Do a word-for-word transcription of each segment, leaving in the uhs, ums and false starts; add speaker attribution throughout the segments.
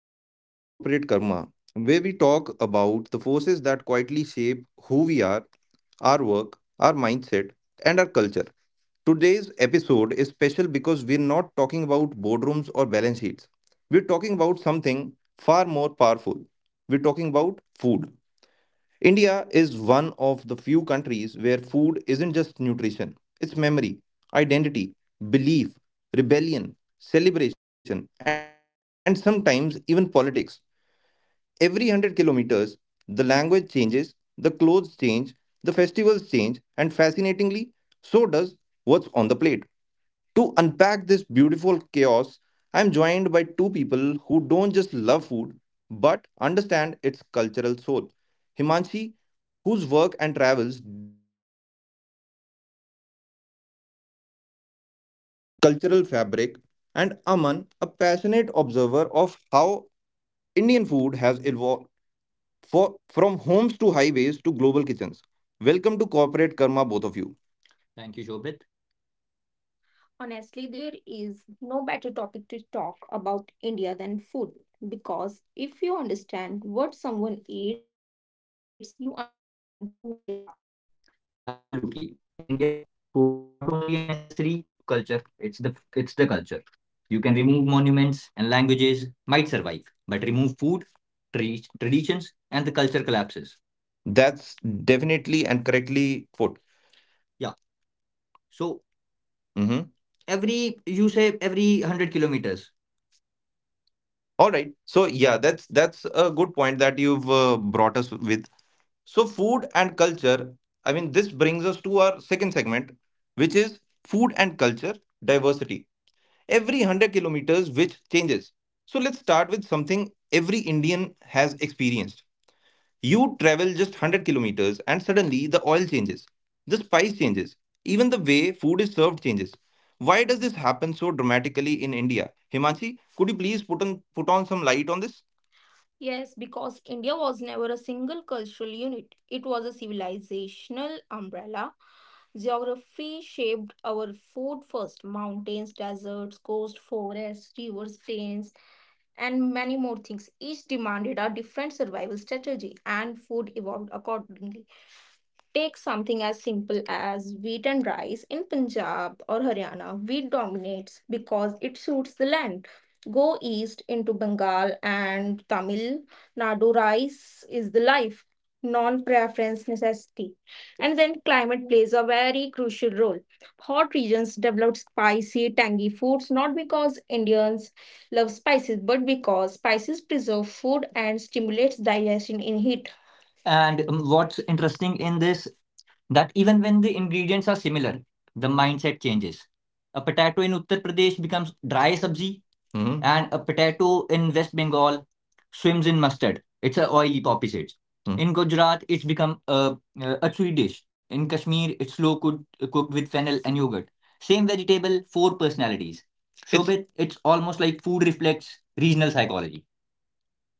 Speaker 1: Welcome back to Corporate Karma, where we talk about the forces that quietly shape who we are, our work, our mindset, and our culture. Today's episode is special because we're not talking about boardrooms or balance sheets. We're talking about something far more powerful. We're talking about food. India is one of the few countries where food isn't just nutrition, it's memory, identity, belief, rebellion, celebration, and sometimes even politics. Every one hundred kilometers, the language changes, the clothes change, the festivals change, and fascinatingly, so does what's on the plate. To unpack this beautiful chaos, I'm joined by two people who don't just love food but understand its cultural soul. Himanshi, whose work and travels
Speaker 2: Cultural fabric, and Aman, a passionate observer of how Indian food has evolved for, from homes to highways to global kitchens. Welcome to Corporate Karma, both of you. Thank you, Shobit. Honestly, there is no better topic to talk about India than food because if you understand what someone eats, you understand who they are. Absolutely. In India, food is not only a necessary culture, it's the it's the culture. You can remove monuments and languages might survive, but remove food, tra- traditions, and the culture collapses. That's definitely and correctly put. Yeah. So hmm every you say every one hundred kilometers. All right. So, yeah, that's that's a good point that you've uh, brought us with. So, food and culture, I mean, this brings us to our second segment, which is food and culture diversity. Every one hundred kilometers, which changes. So, let's start with something every Indian has experienced. You travel just one hundred kilometers, and suddenly the oil changes, the spice changes, even the way food is served changes. Why does this happen so dramatically in India? Himanshi, could you please put on, put on some light on this? Yes, because India was never a single cultural unit. It was a civilizational umbrella. Geography shaped our food first mountains, deserts, coast, forests, rivers, plains, and many more things. Each demanded a different survival strategy, and food evolved accordingly. Take something as simple as wheat and rice. In Punjab or Haryana, wheat dominates because it suits the land. Go east into Bengal and Tamil Nadu, rice is the life, non preference necessity. And then climate plays a very crucial role. Hot regions develop spicy, tangy foods not because Indians love spices, but because spices preserve food and stimulates digestion in heat. And um, what's interesting in this that even when the ingredients are similar, the mindset changes. A potato in Uttar Pradesh becomes dry sabzi, hmm and a potato in West Bengal swims in mustard. It's a oily poppy seeds. hmm In Gujarat, it's become a, a chewy dish. In Kashmir, it's slow cooked, cooked with fennel and yogurt. Same vegetable, four personalities. So It's Shobit, it's almost like food reflects regional psychology.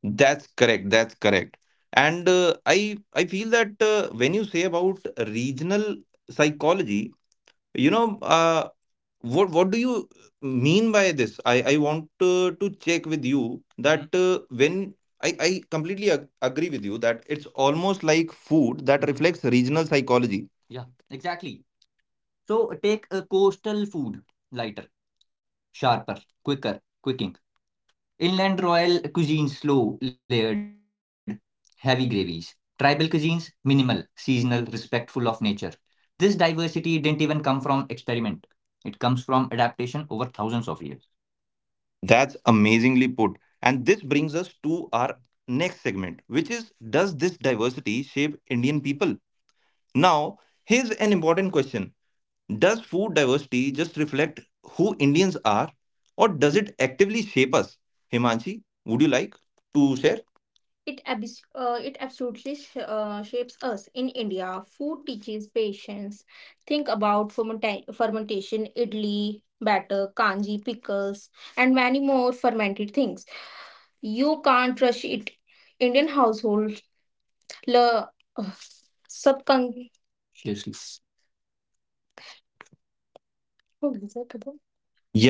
Speaker 2: That's correct. That's correct. And uh, I I feel that uh, when you say about regional psychology, you know, uh, what what do you mean by this? I I want uh, to check with you hmm that uh, when I I completely ag agree with you that it's almost like food that reflects regional psychology. Yeah, exactly. So take a coastal food lighter, sharper, quicker, quicking. Inland Royal cuisine slow, layered, heavy gravies. Tribal cuisines minimal, seasonal, respectful of nature. This diversity didn't even come from experiment. It comes from adaptation over thousands of years. That's amazingly put. And this brings us to our next segment, which is: does this diversity shape Indian people? Now, here's an important question: does food diversity just reflect who Indians are, or does it actively shape us? Himanshi, would you like to share? It, abs- uh, it absolutely sh- uh, shapes us. In India, food teaches patience. Think about fermenta- fermentation, idli, batter, kanji, pickles, and many more fermented things. You can't rush it. Indian household, la, uh, subcon-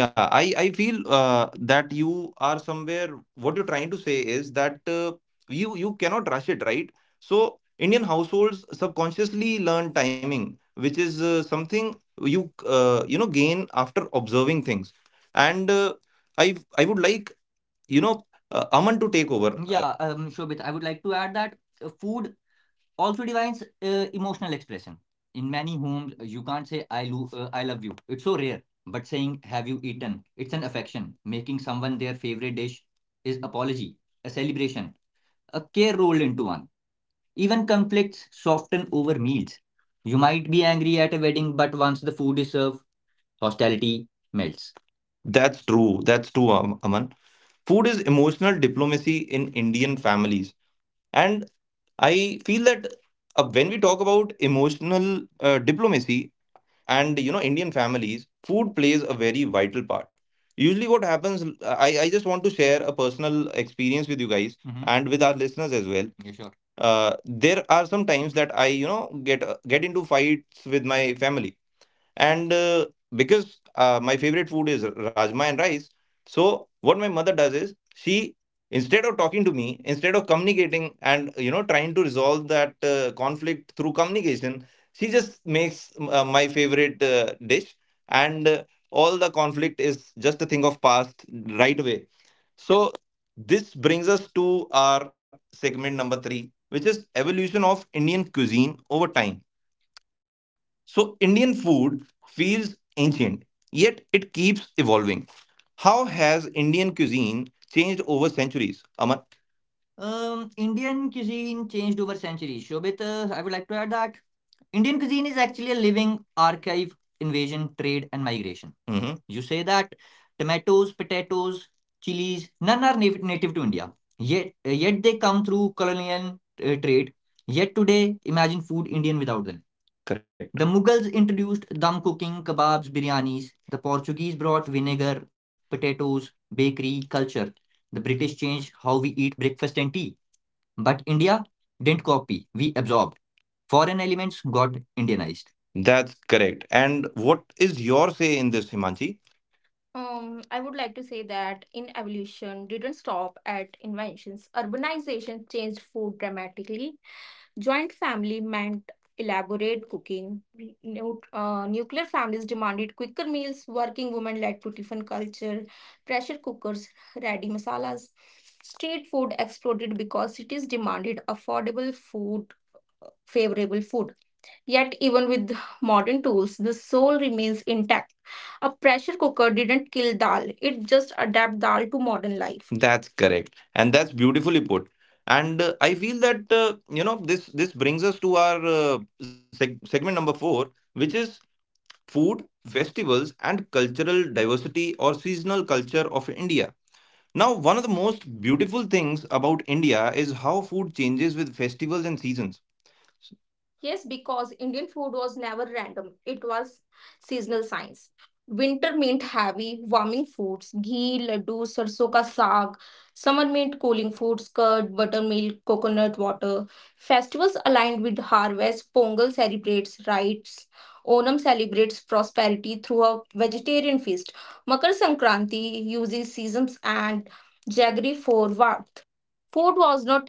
Speaker 2: Yeah, I I feel uh, that you are somewhere. What you're trying to say is that uh, you you cannot rush it, right? So Indian households subconsciously learn timing, which is uh, something you uh, you know gain after observing things. And uh, I I would like you know uh, Aman to take over. Uh, Yeah, um, Shobit, I would like to add that uh, food also defines uh, emotional expression. In many homes, you can't say "I lo- uh, I love you." It's so rare. But saying "Have you eaten?" It's an affection. Making someone their favorite dish is apology, a celebration, a care rolled into one. Even conflicts soften over meals. You might be angry at a wedding, but once the food is served, hostility melts. That's true. That's true, Am- Aman. Food is emotional diplomacy in Indian families. and. I feel that uh, when we talk about emotional uh, diplomacy and you know Indian families, food plays a very vital part. Usually, what happens, I, I just want to share a personal experience with you guys hmm and with our listeners as well. Yeah, sure. Uh, there are some times that I, you know, get uh, get into fights with my family, and uh, because uh, my favorite food is rajma and rice. So what my mother does is, she, instead of talking to me, instead of communicating and you know trying to resolve that uh, conflict through communication, she just makes uh, my favorite uh, dish, and uh, all the conflict is just a thing of past right away. So this brings us to our segment number three, which is evolution of Indian cuisine over time. So, Indian food feels ancient, yet it keeps evolving. How has Indian cuisine changed over centuries, Aman? Um, Indian cuisine changed over centuries. Shobit, uh, I would like to add that Indian cuisine is actually a living archive, invasion, trade, and migration. hmm You say that tomatoes, potatoes, chilies, none are nav- native to India. Yet, uh, yet they come through colonial uh, trade. Yet today, imagine food Indian without them. Correct. The Mughals introduced dum cooking, kebabs, biryanis. The Portuguese brought vinegar, potatoes, bakery culture. The British changed how we eat breakfast and tea. But India didn't copy, we absorbed. Foreign elements got Indianized. That's correct. And what is your say in this, Himanshi? Um, I would like to say that in evolution didn't stop at inventions. Urbanization changed food dramatically. Joint family meant elaborate cooking. Nu- uh, nuclear families demanded quicker meals. Working women led to tiffin culture. Pressure cookers, ready masalas. Street food exploded because cities demanded affordable food, favorable food. Yet, even with modern tools, the soul remains intact. A pressure cooker didn't kill dal, it just adapted dal to modern life. That's correct, and that's beautifully put. And uh, I feel that uh, you know this this brings us to our uh, seg- segment number four, which is food, festivals, and cultural diversity or seasonal culture of India. Now, one of the most beautiful things about India is how food changes with festivals and seasons. Yes, because Indian food was never random. It was seasonal science. Winter meant heavy, warming foods, ghee, laddu, sarson ka saag. Summer meant cooling foods, curd, buttermilk, coconut water. Festivals aligned with harvest. Pongal celebrates rites. Onam celebrates prosperity through a vegetarian feast. Makar Sankranti uses seasons and jaggery for warmth. Food was not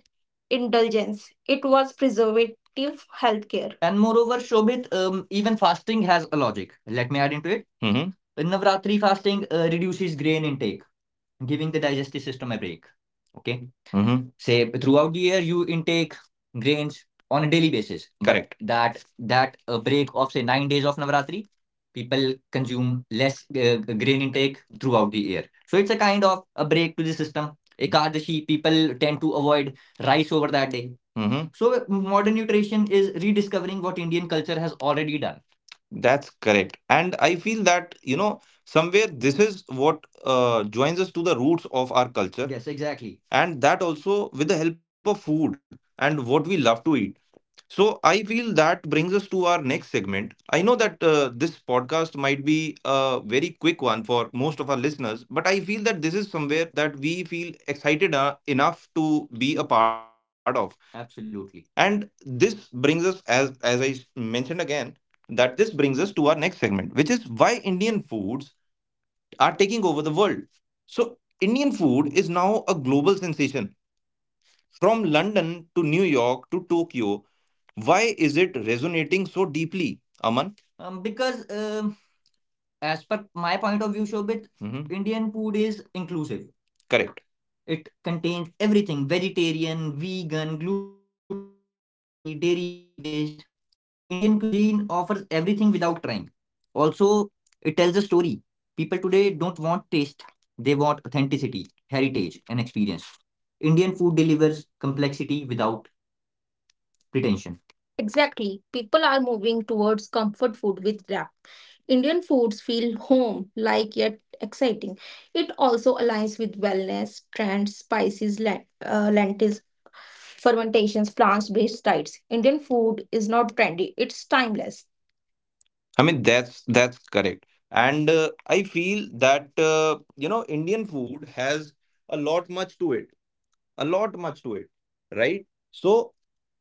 Speaker 2: indulgence. It was preserved effective healthcare. And moreover, Shobhit, um, even fasting has a logic. Let me add into it. hmm Navratri fasting uh, reduces grain intake giving the digestive system a break. Okay. Mm-hmm. Say throughout the year you intake grains on a daily basis. Correct. That that a break of say nine days of Navaratri, people consume less uh, grain intake throughout the year. So it's a kind of a break to the system. Ekadashi, people tend to avoid rice over that day. Mm-hmm. So modern nutrition is rediscovering what Indian culture has already done. That's correct. And I feel that, you know, somewhere this is what uh, joins us to the roots of our culture. Yes, exactly. And that also with the help of food and what we love to eat. So I feel that brings us to our next segment. I know that uh, this podcast might be a very quick one for most of our listeners, but I feel that this is somewhere that we feel excited uh, enough to be a part of. Absolutely. And this brings us, as as I s- mentioned again, that this brings us to our next segment, which is why Indian foods are taking over the world. So Indian food is now a global sensation. From London to New York to Tokyo, why is it resonating so deeply, Aman? Um, because um, as per my point of view, Shobit, mhm, Indian food is inclusive. Correct. It contains everything vegetarian, vegan, gluten free, dairy based. And Indian cuisine offers everything without trying. Also, it tells a story. People today don't want taste, they want authenticity, heritage, and experience. Indian food delivers complexity without pretension. Exactly. People are moving towards comfort food with wrap. Indian foods feel home like yet exciting. It also aligns with wellness trends, spices, len- uh, lentils, fermentations, plants based diets. Indian food is not trendy, it's timeless. I mean that's that's correct, and uh, I feel that uh, you know Indian food has a lot much to it, a lot much to it, right? So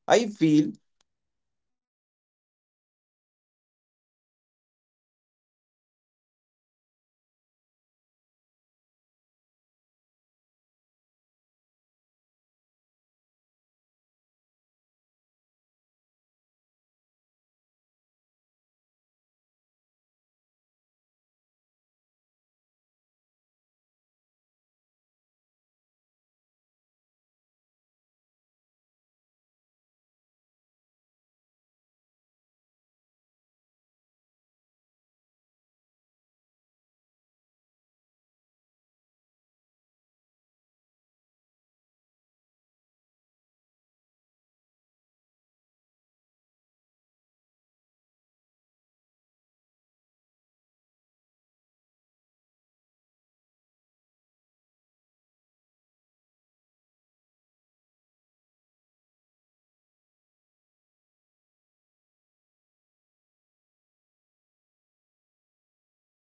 Speaker 2: I feel And I feel that Indian food requires, you know, the love and care that we get from our families as well. So I I want to add another section to this podcast, which is uh, sharing our experiences with food. So I I would uh, like to ask uh, this question to Himanshi and Aman, both of you guys, hmm, that uh, is there any experiences that you want to share, which is something related to one of your you know favorite dishes or something uh, which is related to a fight that you had uh, in your family, which got resolved ultimately through a food uh, or uh, you know a favorite dish of yours. Okay, keeping into this. Uh, so Shobit, um, uh, fights and all things, I don't keep them in mind. I, I that's, I don't, correct, remember them. But lately, on a daily basis, it's when we are, say, tired from office, hmm, okay, and when we reach home, um, my mother cooks food and say, uh, um, uh,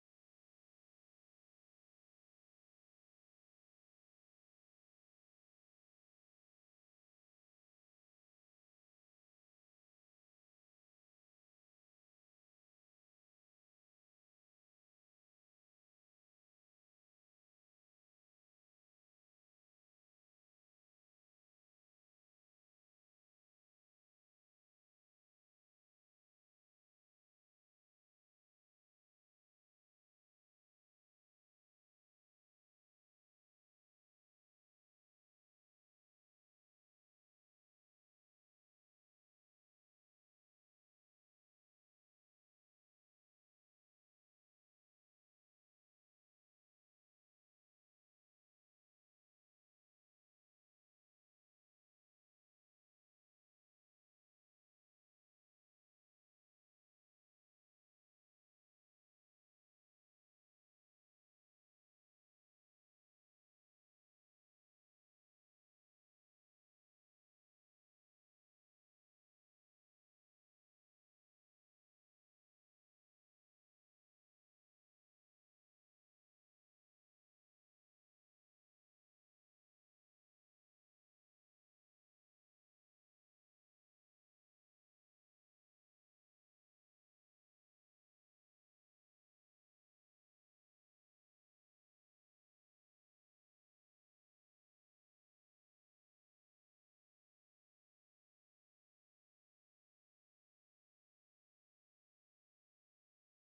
Speaker 2: freshly cooked food from mother's hand is like the comfort thing, food. It's a comfort thing, yeah, for, yeah, everyone, correct. And secondly, when uh, due to some anything, anything which happened in the office, which which caused our mood swings. Mm-hmm. Okay, that seeing that dish which is prepared by a mother, it's hot cooked and hotly served. Already, fifty percent of the mood is already, you know, okay, cured. Yes, yeah, cured. So, So yeah, food connects us to, connects me personally, mhm, to back in myself, mhm, once I am not uh, feeling myself. If i have my if I have my favorite dish, I am already there. I am at. That's that's perfectly that's perfectly put. And I feel, Aman, that uh, it, this is not only the case with you. And, mhm, I feel f- personally myself also. Uh, sometimes when I have these cravings that I want to eat something, usually I don't you know eat any kind of sugary foods, mhm, or any kind of sweet foods. So uh, and that's that's sometimes when, like, in a year or two when I like to have a sugary treat to myself. Uh, there is this food called in our uh, land that is known as jalebi. Jalebi, yes. So I love jalebi, mhm, when the craving is there. Yes. So I go to, uh, you know, there, there is a local vendor in our uh, hometown, mhm, who is very famous with uh, his jalebis, and even the shop, even the name of the shop is you know uh, Lovely's uh, Famous Jalebi Center. All right. So that brings old memories to me, and I feel that this not only craves the you know the, the sweet sweet sweet uh, tooth that I have, it usually helps me relax as well.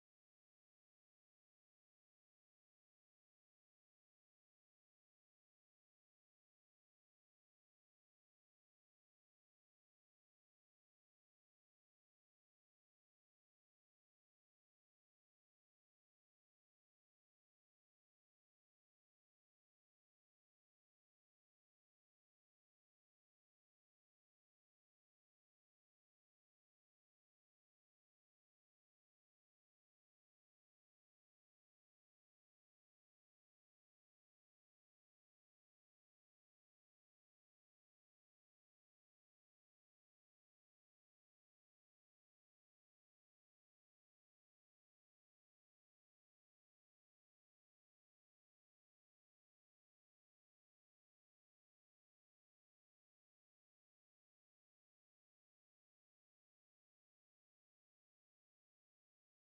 Speaker 2: Yeah, but that sweet memory is the point you took. I also have a sweet memory of food, yeah, connecting. Please Yes, please share. Food, with food, I do have a lot of memories. Hmm. So the, I do have a childhood memory that I am from Shimla. I studied in Shimla. Hmm. So when we used to go to school, and after uh, when we uh, complete our day, after uh, to, while coming home, there is a shop in Shimla which is famous for its chole and kulche. All right. Whatever. Hmm. The name is Sitaram Chole Kulche. That's amazing. And the taste of that shop, say the age uh, when I was, say, uh, uh, my age was eight to ten years. From that time I am having uh, chole kulches from that shop till now, the, and taste, and now your age is? And my now age is twenty-eight. I'll be, that's turning amazing. That's, yeah, amazing. twenty-eight, and uh, uh, say it's um, um, almost around twenty twenty three years, but the authenticity, the taste, and the feel, whenever I eat, I never get rid of that food, you know, that's. Like, whenever I'll visit Shimla,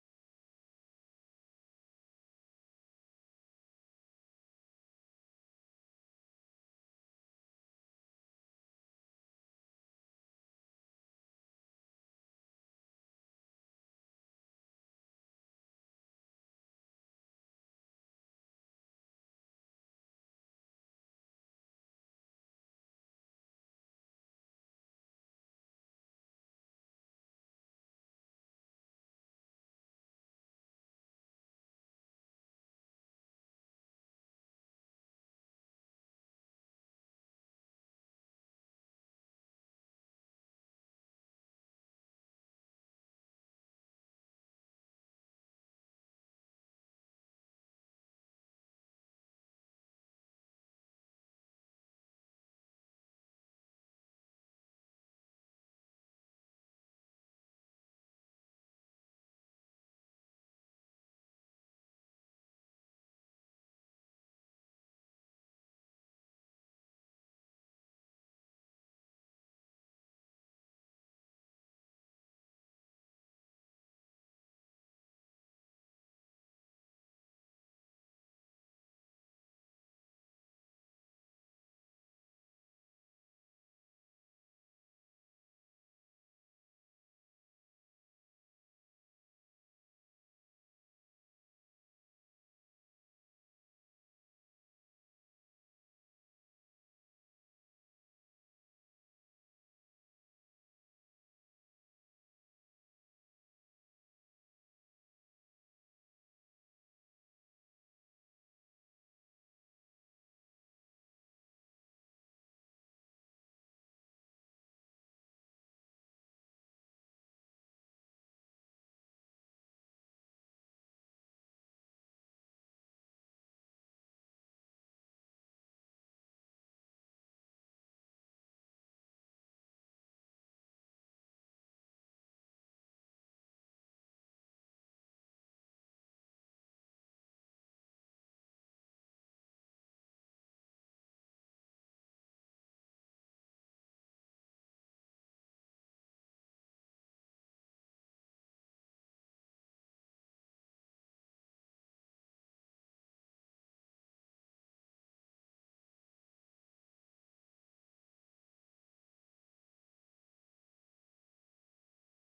Speaker 2: I will definitely have that chole kulcha. It's that nostalgic uh, yes, it touch, connects to it, memories to my, correct, friends, whether they are there available in the city or not. But having that food reminds me that they, those people are there only, and I'm having food. So it connects me with that memory. So that's that's what comfort food i- is all about. Yes. And I feel that uh, you know everybody has those uh, comfort foods in their life. Uh, because it is not always the food, but it is majority of the times, it is the memories that we are you know indulging with when we are having those foods. So, Himanshi, do you have anything to add up on this? Yes, I would also like to share my real life experience about the food. Uh, during a family wedding at my grandmother's village, I truly understood the importance of food in Indian culture. Hmm. All the relatives gathered in the kitchens early in the morning to help preparing traditional dishes. Some were making puris, others were grinding spices on a stone grinder. Stone grinder, where? Yeah, I've I've heard about these stone, yes, grinders. Yes, I stone mean, stone, that's grinders. That's something of a, you know, ancient India, yes, vibe. Ancient India, right? India vibe. Yes, yeah, exactly. and and elders were guiding us about recipes that had been followed for generations and long ago. Mhm. The food was not cooked by one person, mhm, but by many hands, which showed unity and togetherness. All right. Before eating, the food was first offered to God, which is an Indian, yeah, culture, absolutely, yeah. Yes. God, yes, is served first, yes, showing respect and gratitude. Everyone sat together on the floor and ate the meal served on steel plates, which made the experience more meaningful. This experience taught me that in India, food is not just about taste, it is, hmm, about tradition, respect, sharing, and bonding with family. Through food, our culture is passed from one generation to another, and it always still go on and on. Yes, exactly. And I have also seen, Ravi, that people uh, in weddings, mhm, I have seen people spending lakhs on lakhs on weddings. Yeah, correct. In the decoration. Correct. But at the end of the day, when I personally take reviews from people, uh, mhm, b- and say uh, amongst us only, people say that the food quality was not so good. The, yeah, decoration was good, but the food quality was not good. And secondly, I have seen those weddings also where, it, where there is no D Js, no lights, decorations, mhm, but people are just praising the food, that the food was very best. So I have seen that food making respect in the in the society. Yeah, yes, food also brings respect to the society. A good food,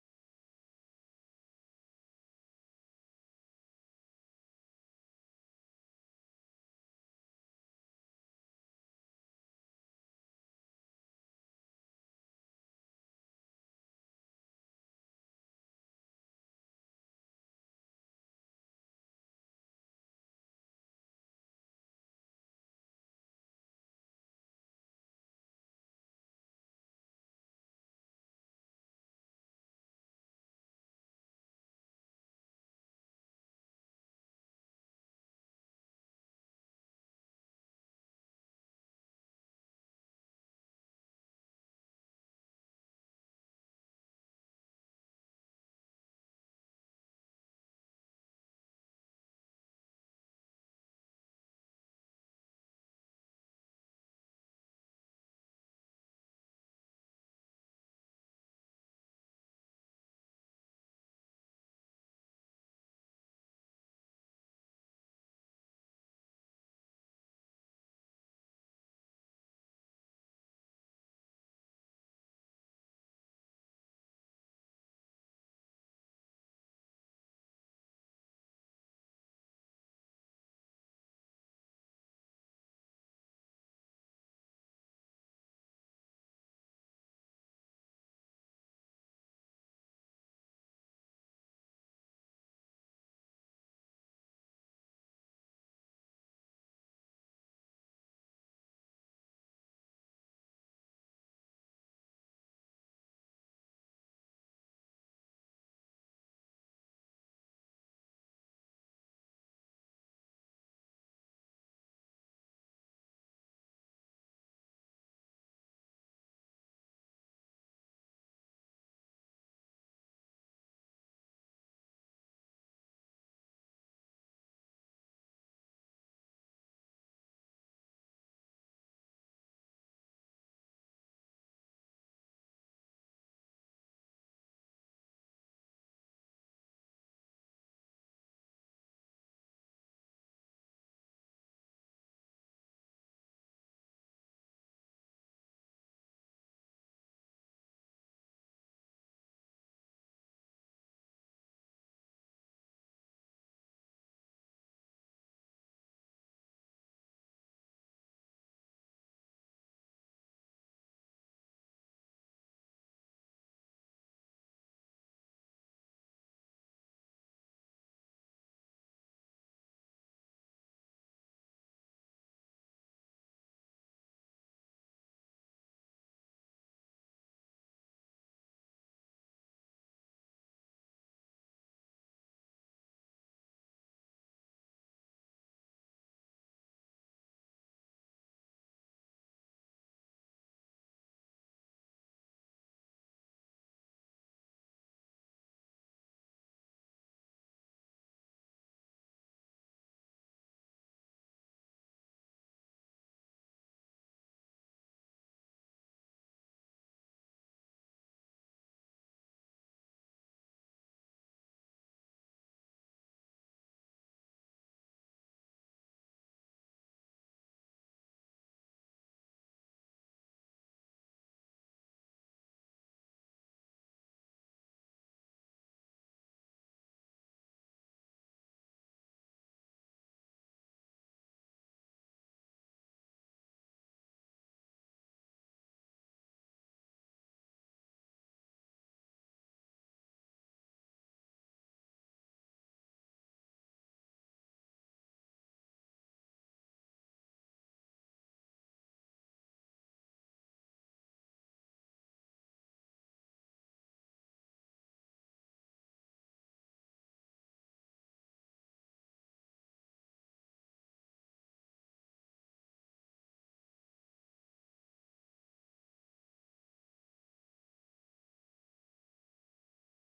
Speaker 2: you are very well respected. But, perfect, perfect, yes. So I feel that uh, this was really, really very well put by Himanshi when it came to uh, the cultural side of food, and how this, uh, you know, this uh, culture of food is connected so deeply with us, uh, from our, you know, older generations as well. So I feel that uh, there are many cases of marriages as well where people get together and you know cook foods uh, one night before the marriage, yes, happens. And in our uh, you know villages of India, there are still uh, some villages where this you know tradition is still alive. And I feel that not only brings the closeness of a family, but also uh, passes down the culture of unity and togetherness to our newer generations. Yes, uh, what happens in Himachal, as I am from Himachal, so, mm, what I have seen that if there is a marriage in a particular village, yeah, so the food preparations will be starting from, say, ten days earlier. Hmm. The preparations are not adding up spices, cutting down vegetables, no, but cutting down that wood which will be used to lit the fire to make that food. Correct. Everyone from that village, youngsters come around, helping uh, chopping down that uh, wood, bringing down that to the place where the wedding is, then setting up, putting up utensils, then cooking that food. It brings closeness, and I have seen the unity amongst the amongst the people, which is only uh, due to food. Correct. Yes, b- because if, say, uh, uh, we have seen the cat uh, the modern technologies also, people do caterers, they bring food, make food on gas, and everything is brought into the utensils and just served. But seeing making food, the step by step process, it become it it brings a sudden joy in between. That's correct. That's correct. And I feel that uh, food does not only bring us together, it also, you know, teaches us a lot about uh, a- about our culture, about our uh, heredity, and how things have to be proceeded uh, for further generations. And uh, if I may, uh, Himanshi, would you like to close this uh, podcast with something that you want to say? Yes, I want to say about the importance of Indian food for Indians. Indian food plays an important role in our daily life and culture. It reflects the diversity of India through its region, cooking methods, and use of spices. Indian food is closely connected with traditions, festivals, and family gathering, where meals bring people together. Hmm. Most Indian meals are balanced and nutritious, using grains, vegetable pulses, dairy products, and natural spices. Food is also a way to show hospel- uh, hospitality, as guests are always welcomed with care and respect. Thus, Indian food is not only about the taste, but also health, culture, and social bonding. And I would also like to share that I'm from Haryana and my favorite food is churma. That's amazing. That's amazing. That's full of amazing. Puma as well. I I I love churma as well. So I think that uh, basically uh, wraps up our uh, you know podcast, and uh, that's a very powerful note uh, to end on, I believe, because uh, Indian food, you know as as we wrap up, I if if food could speak, what would Indian food say to the world, Himanshi? It would say, diversity doesn't divide, it nourishes. Correct, correct. And uh, Aman? It means uh, that evolution doesn't mean forgetting roots, it means carrying them forward. That's a powerful note to end on. Indian food, or India's food, teaches us adaptability, respect, patience, and coexistence. Every plate tells a story, every spice carries history, and every meal reminds us that despite differences, we sit together and eat together. Thank you, Himanshi. Thank you, Aman. And to all our listeners, next time you eat, please take a pause. You're not just eating food, you're tasting civilization. This was Corporate Karma. Until next time, stay curious, stay rooted. Thank you so much.